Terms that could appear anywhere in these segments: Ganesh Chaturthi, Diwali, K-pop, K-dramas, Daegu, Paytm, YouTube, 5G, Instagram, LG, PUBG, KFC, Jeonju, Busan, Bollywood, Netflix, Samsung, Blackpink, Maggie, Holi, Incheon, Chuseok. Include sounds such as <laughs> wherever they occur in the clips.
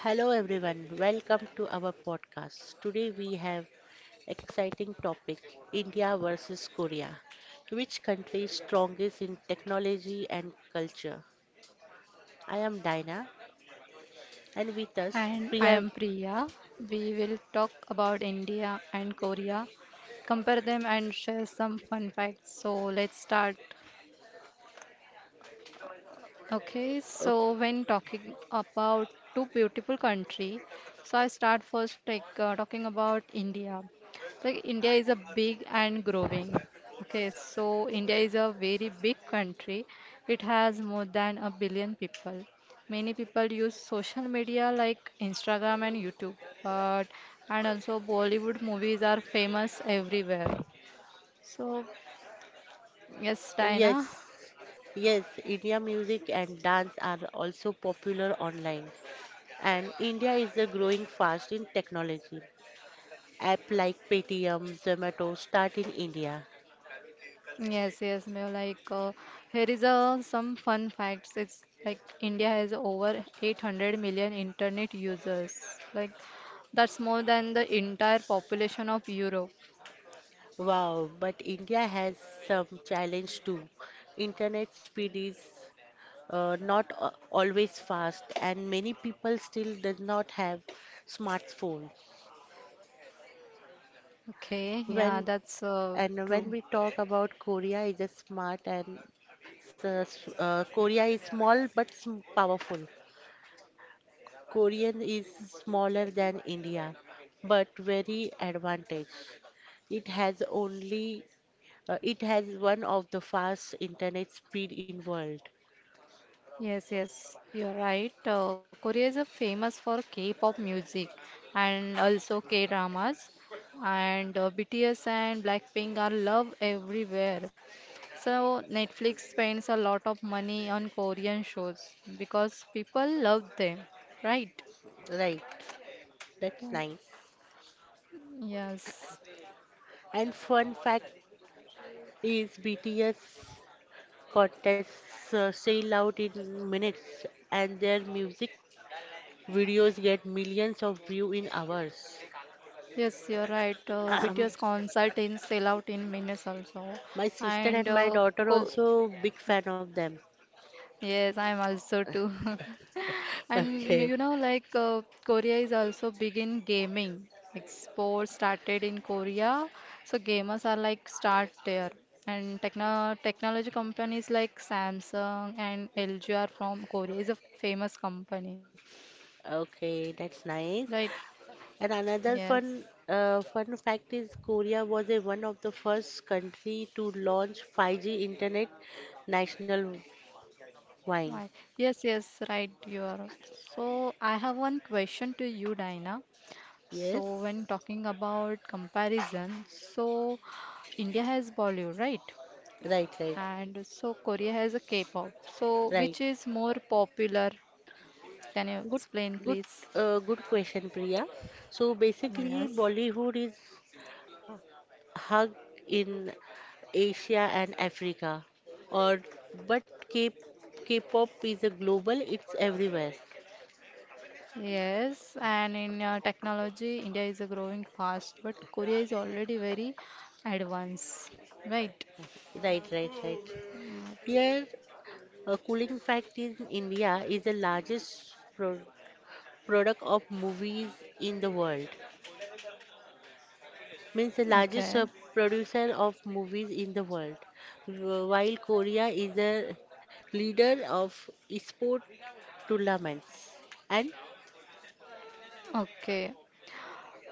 Hello everyone, welcome to our podcast. Today we have exciting topic India versus Korea. Which country is strongest in technology and culture? I am Dina and with us And I Priya. am Priya. We will talk about India and Korea, compare them, and share some fun facts. So let's start. Okay, so Okay. when talking about two beautiful country, so I start first like talking about India. Like India is a big and growing. Okay, so India is a very big country. It has more than a billion people. Many people use social media like Instagram and YouTube, but and also Bollywood movies are famous everywhere. So yes, Diana. Yes. Yes, India music and dance are also popular online. And India is growing fast in technology. App like Paytm, Zomato start in India. Yes, yes, Mayo. Here is some fun facts. It's like India has over 800 million internet users. Like, that's more than the entire population of Europe. Wow, but India has some challenge too. Internet speed is not a- always fast, and many people still does not have smartphone. Okay, yeah, When that's when true. we talk about Korea, is a smart and Korea is small but powerful. Korean is smaller than India, but very advantage. It has only it has one of the fast internet speed in world. Yes, yes, you're right. Korea is famous for K-pop music and also K-dramas. And BTS and Blackpink are loved everywhere. So Netflix spends a lot of money on Korean shows because people love them, right? Right, that's nice. Yes, And fun fact is BTS contests sell out in minutes and their music videos get millions of view in hours. yes, you're right. Um, BTS concert in sell out in minutes also, my sister and and my daughter co also big fan of them. <laughs> yes, I'm also too. <laughs> And Okay. you know, like Korea is also big in gaming. Like sports started in Korea, so gamers are like start there. And technology companies like Samsung and LG are from Korea. Is a famous company, Okay, that's right? nice. And another Yes. Fun fact is Korea was one of the first country to launch 5G internet national wide. Right. Yes, yes, right. You are. So I have one question to you, Dina. So when Yes. talking about comparison, so India has Bollywood, right? Right, right, And so Korea has a K-pop. So right. which is more popular? Can you Good, explain, good, please? Good question, Priya. So basically, Yes. Bollywood is hugged in Asia and Africa, or but K, K-pop is a global. It's everywhere. Yes. And in technology, India is growing fast, but Korea is already very advanced, right? Right, right, right. Mm. Here, a cooling fact in India is the largest product of movies in the world. Means the Okay. largest producer of movies in the world, while Korea is the leader of sport tournaments. And. Okay.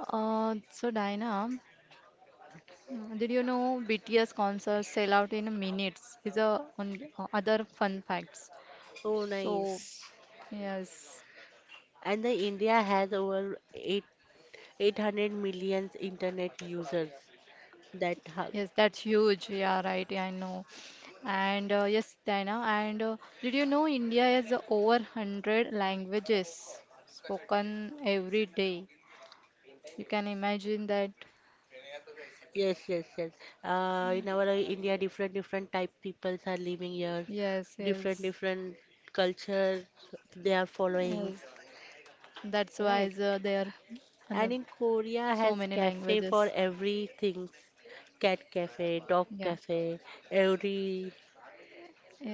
So Diana, mm, did you know BTS concerts sell out in minutes? Is a on other fun facts. Oh, So nice. yes. And the India has over 8 800 million internet users. That ha- Yes, that's huge. Yeah, right. Yeah, I know. And yes, Diana. And did you know India has over 100 languages spoken every day? You can imagine that. yes, yes, yes. In our India, different different type peoples are living here, Yes, different yes, different culture they are following. yes. That's why Right. There are And in so Korea many has cafe languages. for everything. Cat cafe, dog Yeah. cafe, every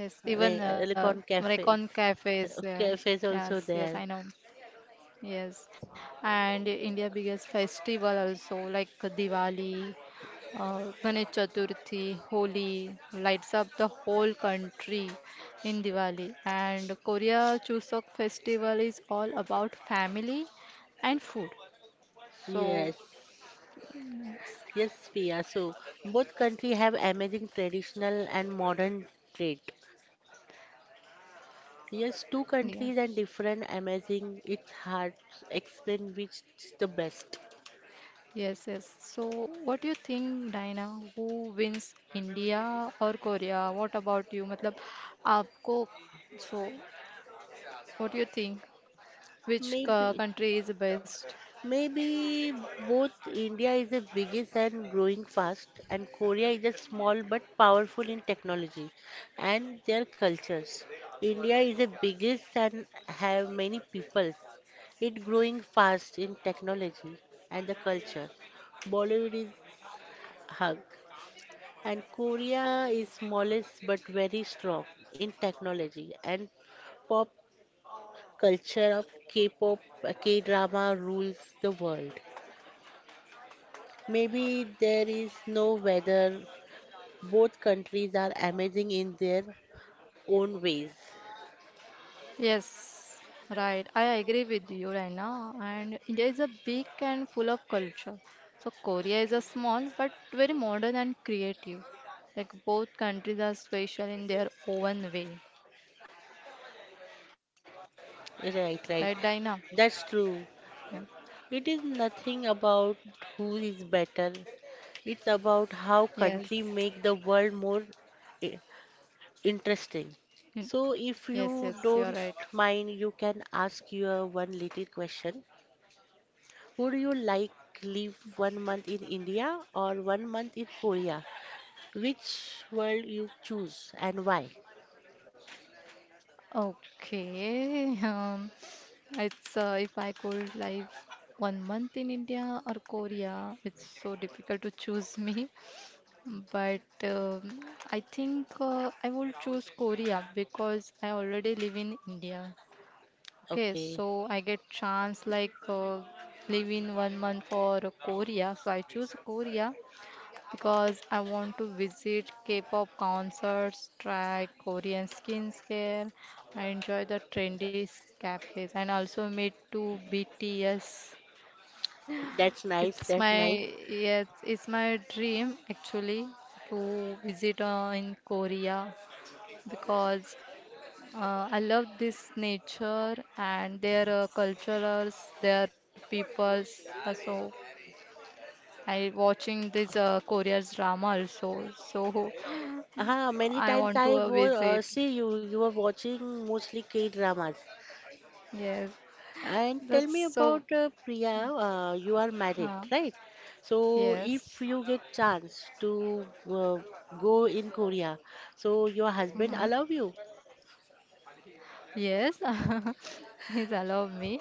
Yes, even elecon cafes. Recon cafes. <laughs> Yeah. Cafes also Yes, yes, there. I know. Yes, and India biggest festival also like Diwali, Ganesh Chaturthi, Holi lights up the whole country in Diwali. And Korea Chuseok festival is all about family and food. So Yes. Yes, Pia. So both country have amazing traditional and modern trait. Yes, two countries and yes, different amazing. It's hard to explain which is the best. yes, yes. So what do you think, Diana? Who wins, India or Korea? What about you? मतलब आपको so what do you think? Maybe Country is the best? Maybe both India is the biggest and growing fast, and Korea is a small but powerful in technology and their cultures. India is the biggest and have many peoples. It growing fast in technology and the culture. Bollywood is hug, and Korea is smallest but very strong in technology and pop culture of K-pop, K-drama rules the world. Maybe there is no weather. Both countries are amazing in their own ways. Yes, right. I agree with you, Raina. And India is a big and full of culture. So Korea is a small but very modern and creative. Like both countries are special in their own way. Right, Right, right. Diana? That's true. Yeah. It is nothing about who is better. It's about how Yes. country make the world more i- interesting. Mm. So if Yes, you yes, you're don't right. mind, you can ask your one little question. Would you like live 1 month in India or 1 month in Korea? Which world you choose and why? Okay. <laughs> It's if I could live 1 month in India or Korea, it's so difficult to choose me. But I think I will choose Korea because I already live in India. Okay, Okay, so I get chance like live in 1 month for Korea. So I choose Korea because I want to visit K-pop concerts, try Korean skincare. I enjoy the trendy cafes and also meet to BTS. that's nice. It's That's my nice. Yes, it's my dream actually to visit in Korea because I love this nature and their cultures, their peoples. So I watching this Korea's drama also. So Ah, many <laughs> times I I want to was visit. see you. You were watching mostly K dramas. Yes, And tell me that's about so. Priya. You are married, Uh, right? So yes. if you get chance to go in Korea, so your husband Mm-hmm. allow you? Yes, <laughs> he's allowed me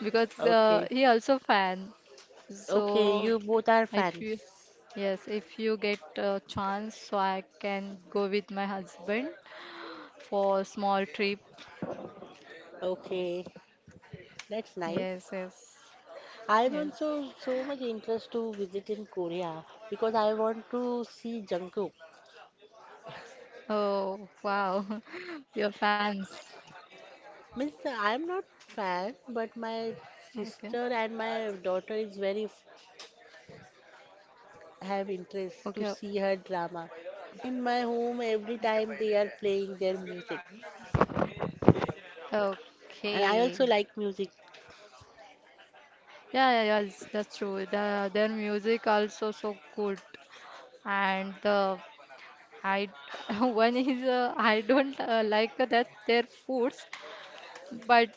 because Okay, he also fan. okay. So You both are if fans. you, Yes, if you get a chance, so I can go with my husband for a small trip. Okay, that's Yes, nice. yes, yes. I'm also so much interest to visit in Korea because I want to see Jungkook. Oh, wow, <laughs> your fans. Means I'm not fan, but my Okay, sister and my daughter is have interest to okay, see her drama. In my home, every time they are playing their music, and I okay. also like music. Yeah, yeah, yeah, it's- that's true. Their music also so good, and the I <laughs> one is I don't like that their foods, but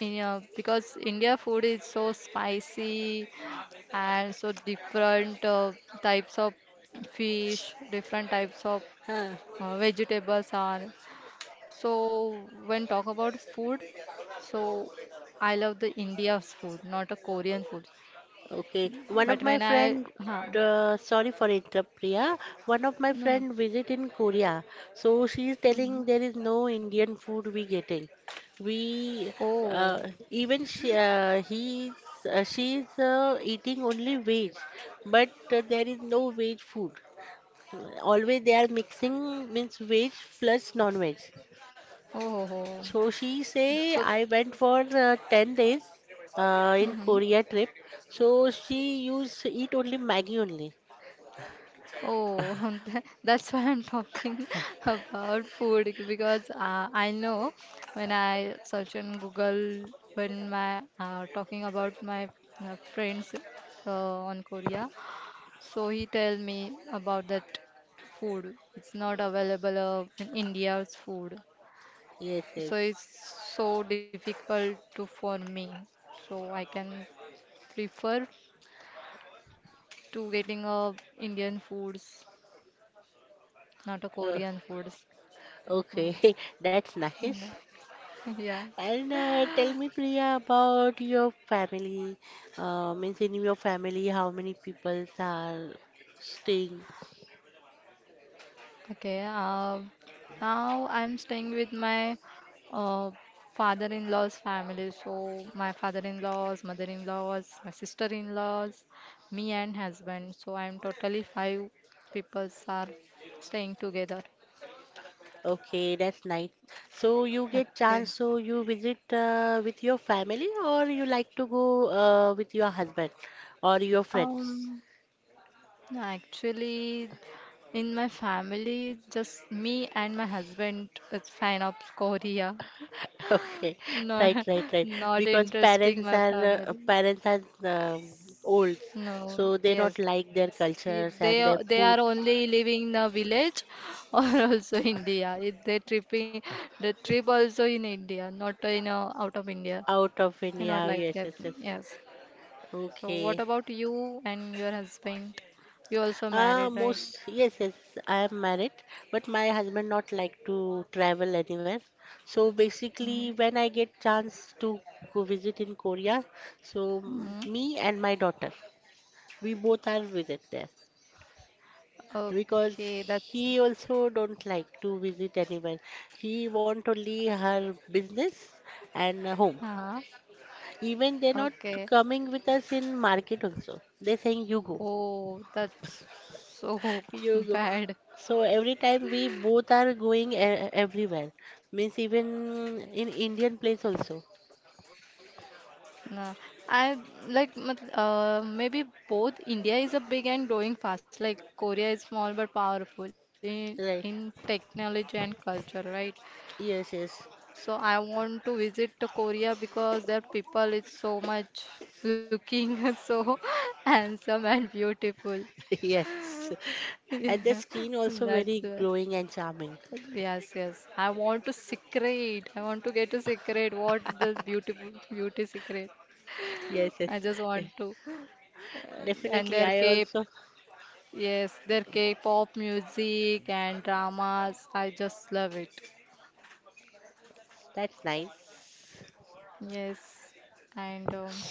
you know, because India food is so spicy and so different types of fish, different types of Huh. Vegetables are. So when talk about food, so I love the India's food, not a Korean food. Okay, But one of when my I, friend, huh, sorry for interrupt, Priya. One of my no, no. friend visit in Korea, so she is Hmm. telling there is no Indian food we getting. We Oh, even she, he's she's eating only veg, but there is no veg food. Always they are mixing means veg plus non-veg. oh, oh. Oh. So she say So, I went for 10 days in mhm. Korea trip. So she used eat only Maggie only. Oh, <laughs> that's why I'm talking <laughs> about food because I know when I search on Google when my talking about my friends uh, on Korea, so he tell me about that food. It's not available in India's food, Yes, yes. so it's so difficult to for me. So I can prefer to getting Indian foods, not a Uh, Korean foods. Mm. okay, <laughs> that's nice. Mm, <laughs> yeah. And tell me, Priya, about your family. Means in your family, how many people are staying? Okay. Now I'm staying with my uh, father-in-law's family. So my father-in-laws, mother-in-laws, my sister-in-laws, me and husband. So I'm totally five people are staying together. Okay, that's nice. So you get Okay. chance, so you visit with your family, or you like to go with your husband or your friends? Um, no, actually, in my family, just me and my husband is fan of Korea. <laughs> Okay, No, right, right, <laughs> right. not Because interesting my family. parents are old, No, so they not yes, like their cultures they and are their only foods living in a village or <laughs> also India. If they tripping the trip also in India, not in out of India. out of You India. not Yes, like yes, that. yes. Yes. So Okay. what about you and your husband? You also married, right? Most yes, yes, I am married, but my husband not like to travel anywhere. So Hmm. basically, when I get chance to go visit in Korea, so Hmm. me and my daughter, we both are visit there because Okay, that's he also don't like to visit anywhere. He want only her business and home. uh Even they're not okay. coming with us in market also. They're saying you go. Oh, that's so You <laughs> go. bad. So every time we both are going everywhere, means even in Indian place also. No, I like maybe both. India is a big and growing fast. Like Korea is small but powerful in Right. technology and culture, right? Yes, yes, So I want to visit to Korea because their people is so much looking <laughs> so handsome and beautiful. <laughs> yes. And the Yeah, skin <laughs> also that's very why. glowing and charming. Yes, yes. I want to secret. I want to get a secret. What the beautiful beauty secret? Yes, yes. I just Eh, want to. and definitely, their I K, also. yes, their K-pop music and dramas. I just love it. That's nice. Yes, and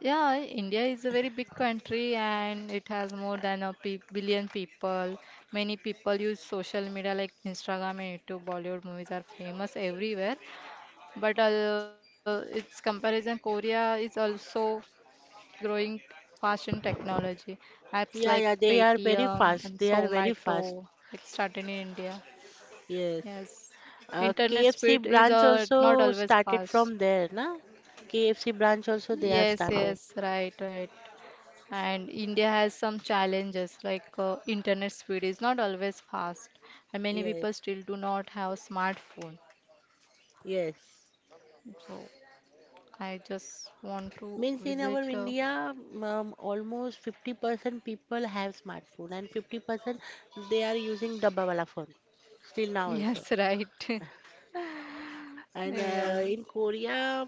yeah, India is a very big country and it has more than a pe billion people. Many people use social media like Instagram and YouTube. Bollywood movies are famous everywhere, but its comparison, Korea is also growing fast in technology. Apps like Yeah, yeah. They are very Paytm and fast. They are very Zomato fast. like started in India. Yes. Yes, internet KFC speed is branch not also always started fast. from there, na? KFC branch also they are Yes, started. yes, right, right. And India has some challenges like internet speed is not always fast, and many Yes, people still do not have smartphone. yes. So I just want to Means in visit. our India, almost 50% people have smartphone and 50% they are using dabba wala phone still <laughs> now also. yes, right. <laughs> And Yes, in Korea,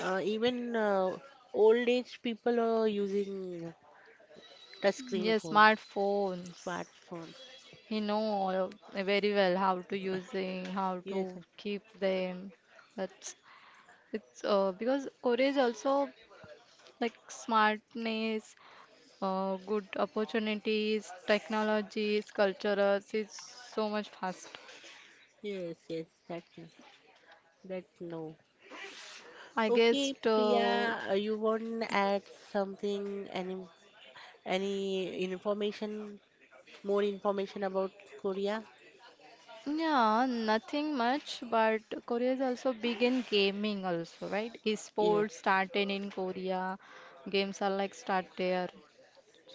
even old age people are using touchscreen yes, phones, smartphones. smartphones. He know all very well how to using, how Yes, to keep them. That's it's because Korea is also like smartness, good opportunities, technologies, cultures is so much fast. yes, yes, yes, that's that no. I guess Okay, Priya, you want to add something, any information, more information about Korea? yeah, nothing much, but Korea is also big in gaming also, right? Yes. Esports started in Korea. Games are like start there.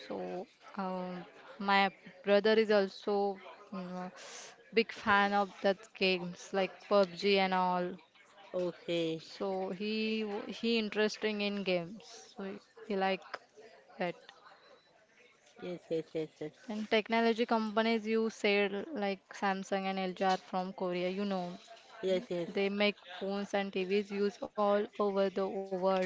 So, um, my brother is also mm, big fan of that games like PUBG and all. Okay. So he interesting in games. So he, he like that. Yes, yes, yes, yes. And technology companies you said like Samsung and LG are from Korea. You know, Yes, yes. they make phones and TVs used all over the world.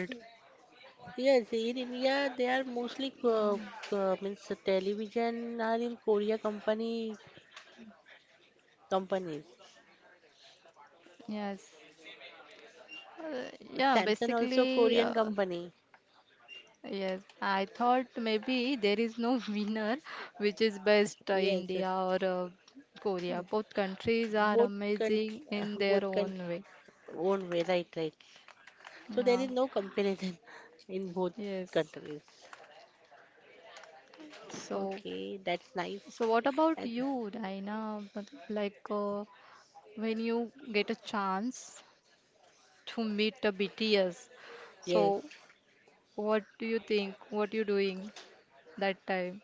Yes, in India they are mostly means television are in Korea company companies. Yes. Yeah, Samsung also basically, Korean company. yes, I thought maybe there is no <laughs> winner which is best Yes, yes. India or Korea. Both countries are Both country, amazing in <laughs> both their country own way. own way, right, right. So there Yeah, is no comparison <laughs> in both yes. countries. So, Okay, that's nice. so what about And you, Raina? But, like when you get a chance to meet a BTS, yes, so what do you think? What you doing that time?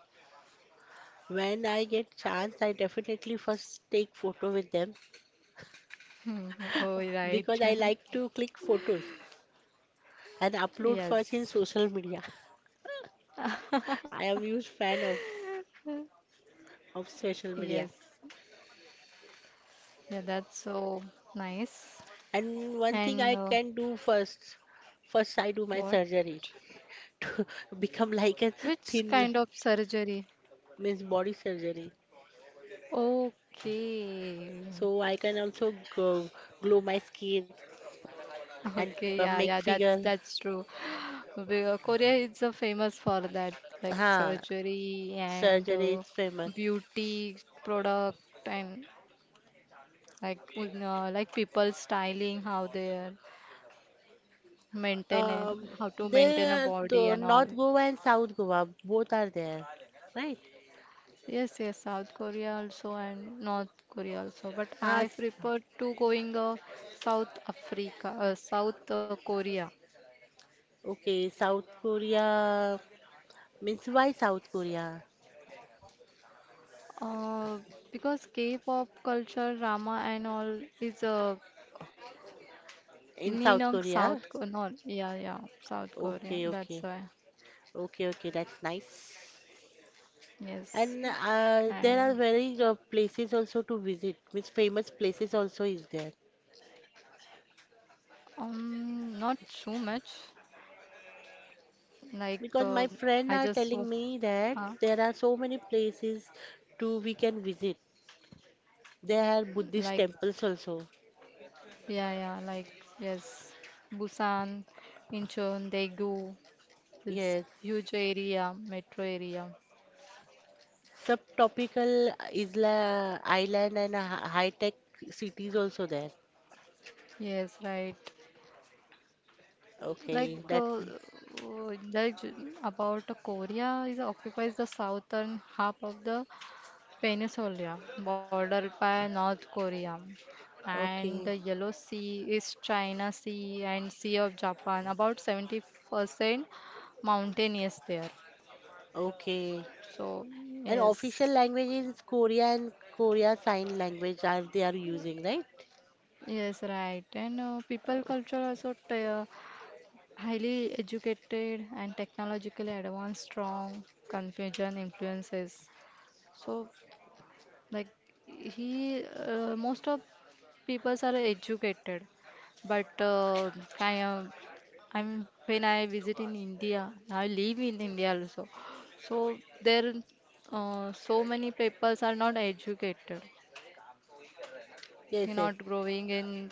when I get chance, I definitely first take photo with them, <laughs> Oh, right. because <laughs> I like to click photos and upload first in Yes, social media. <laughs> I am huge fan of social yes. media. Yeah, that's so nice. And one thing And I can do first, first I do my what? surgery <laughs> to become like a Which thin kind of li- surgery? means body surgery. Okay. So I can also go, glow my skin and Okay, yeah, make yeah, figure. that's true. <sighs> Korea is famous for that, like Ha, surgery and surgery is famous. beauty product and like people styling how they are maintaining Um, how to maintain a there, are body the and all. North Goa and South Goa both are there, right? Yes, yes, South Korea also and North Korea also. But Ah, I prefer to going South Africa, South Korea, okay, South Korea means why South Korea? uh, because K-pop culture, drama and all is In in, South Korea? South, Ko- North, yeah, yeah, South Korea. Okay, That's okay, why. okay, okay, that's nice. Yes, And there are and very places also to visit, means famous places also is there. Not so much. Like Because my I friend are just, telling me that huh? there are so many places to we can visit. There are Buddhist Like temples also. yeah, yeah, like yes, Busan, Incheon, Daegu is Yes, huge area, metro area. subtropical island and high-tech cities also there. Yes, right. Okay, Like, that's uh, means uh, like j- about Korea is occupies the southern half of the peninsula, bordered by North Korea, and okay, the Yellow Sea is China Sea and Sea of Japan. About 70% mountainous there. okay. So And yes. official language is Korean, Korea Sign Language as they are using, right? Yes, right. And people Oh, culture also highly educated and technologically advanced, strong Confucian influences. So, like most of peoples are educated, but I am, I'm when I visit in India, I live in India also. So there, so many peoples are not educated. yes, They yes. not growing in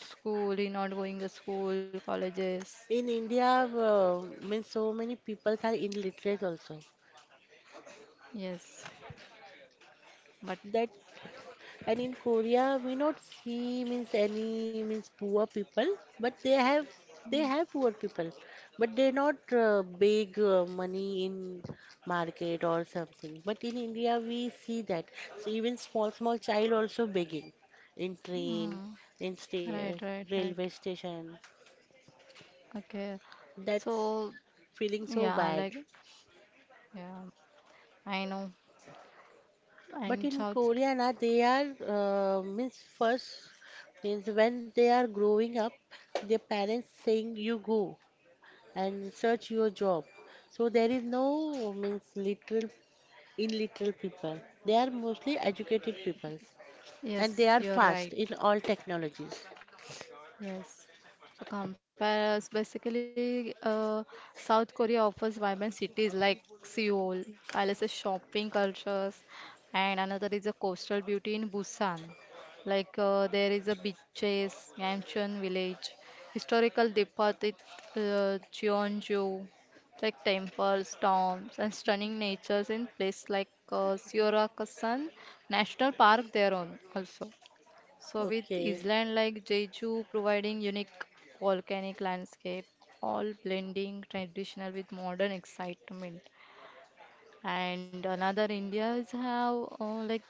school, he not going to school, colleges. In India, means so many peoples are illiterate also. Yes, but That and in Korea, we not see means any means poor people, but they have poor people, but they not big money in market or something. But in India, we see that. So even small small child also begging in train, mm, in sta right, right, right. railway station. Okay. That's So feeling so yeah, bad. like yeah, I know. But And in South, Korea, na, they are means first means when they are growing up, their parents saying you go and search your job. So there is no means literal in literal people. They are mostly educated peoples and they yes, are you're fast right. in all technologies. Yes. To compare us, basically, South Korea offers vibrant cities like Seoul, palaces, shopping cultures, and another is a coastal beauty in Busan. Like there is a beaches, mansion village, historical deposit, Jeonju, like temples, tombs, and stunning natures in place like Seorakusan National Park. There on also. So with Okay. island like Jeju providing unique volcanic landscape, all blending traditional with modern excitement. And another India's have like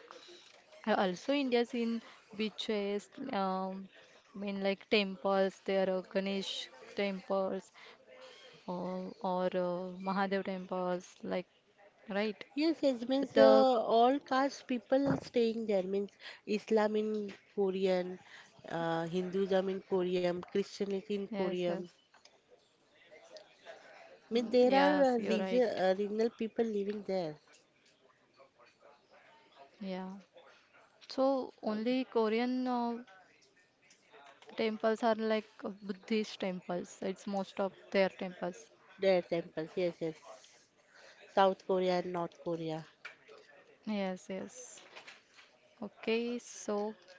also India's in beaches, I mean like temples. There are Ganesh temples or Mahadev temples, like right. Yes, yes, But means the all caste people staying there means Islam in Korean, Hinduism in Korean, Christianity in yes, Korean. yes, mm, I mean, there yes, are you're right. Regional people living there. Yeah. So Okay. only Korean temples are like Buddhist temples. It's most of their temples. Their temples, yes, yes. South Korea and North Korea. Yes, yes. Okay, so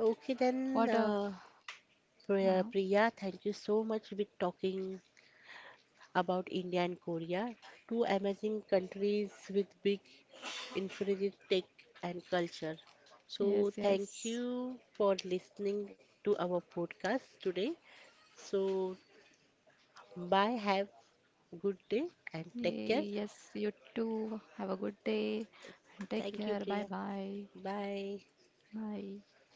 Okay, then, what a Priya, uh, Priya, thank you so much with talking about India and Korea, two amazing countries with big infinite tech and culture. So, yes, thank yes. you for listening to our podcast today. So, bye, have good day and take care. Yes, you too. Have a good day and Thank you, take Priya. care. Bye bye. Bye. Bye.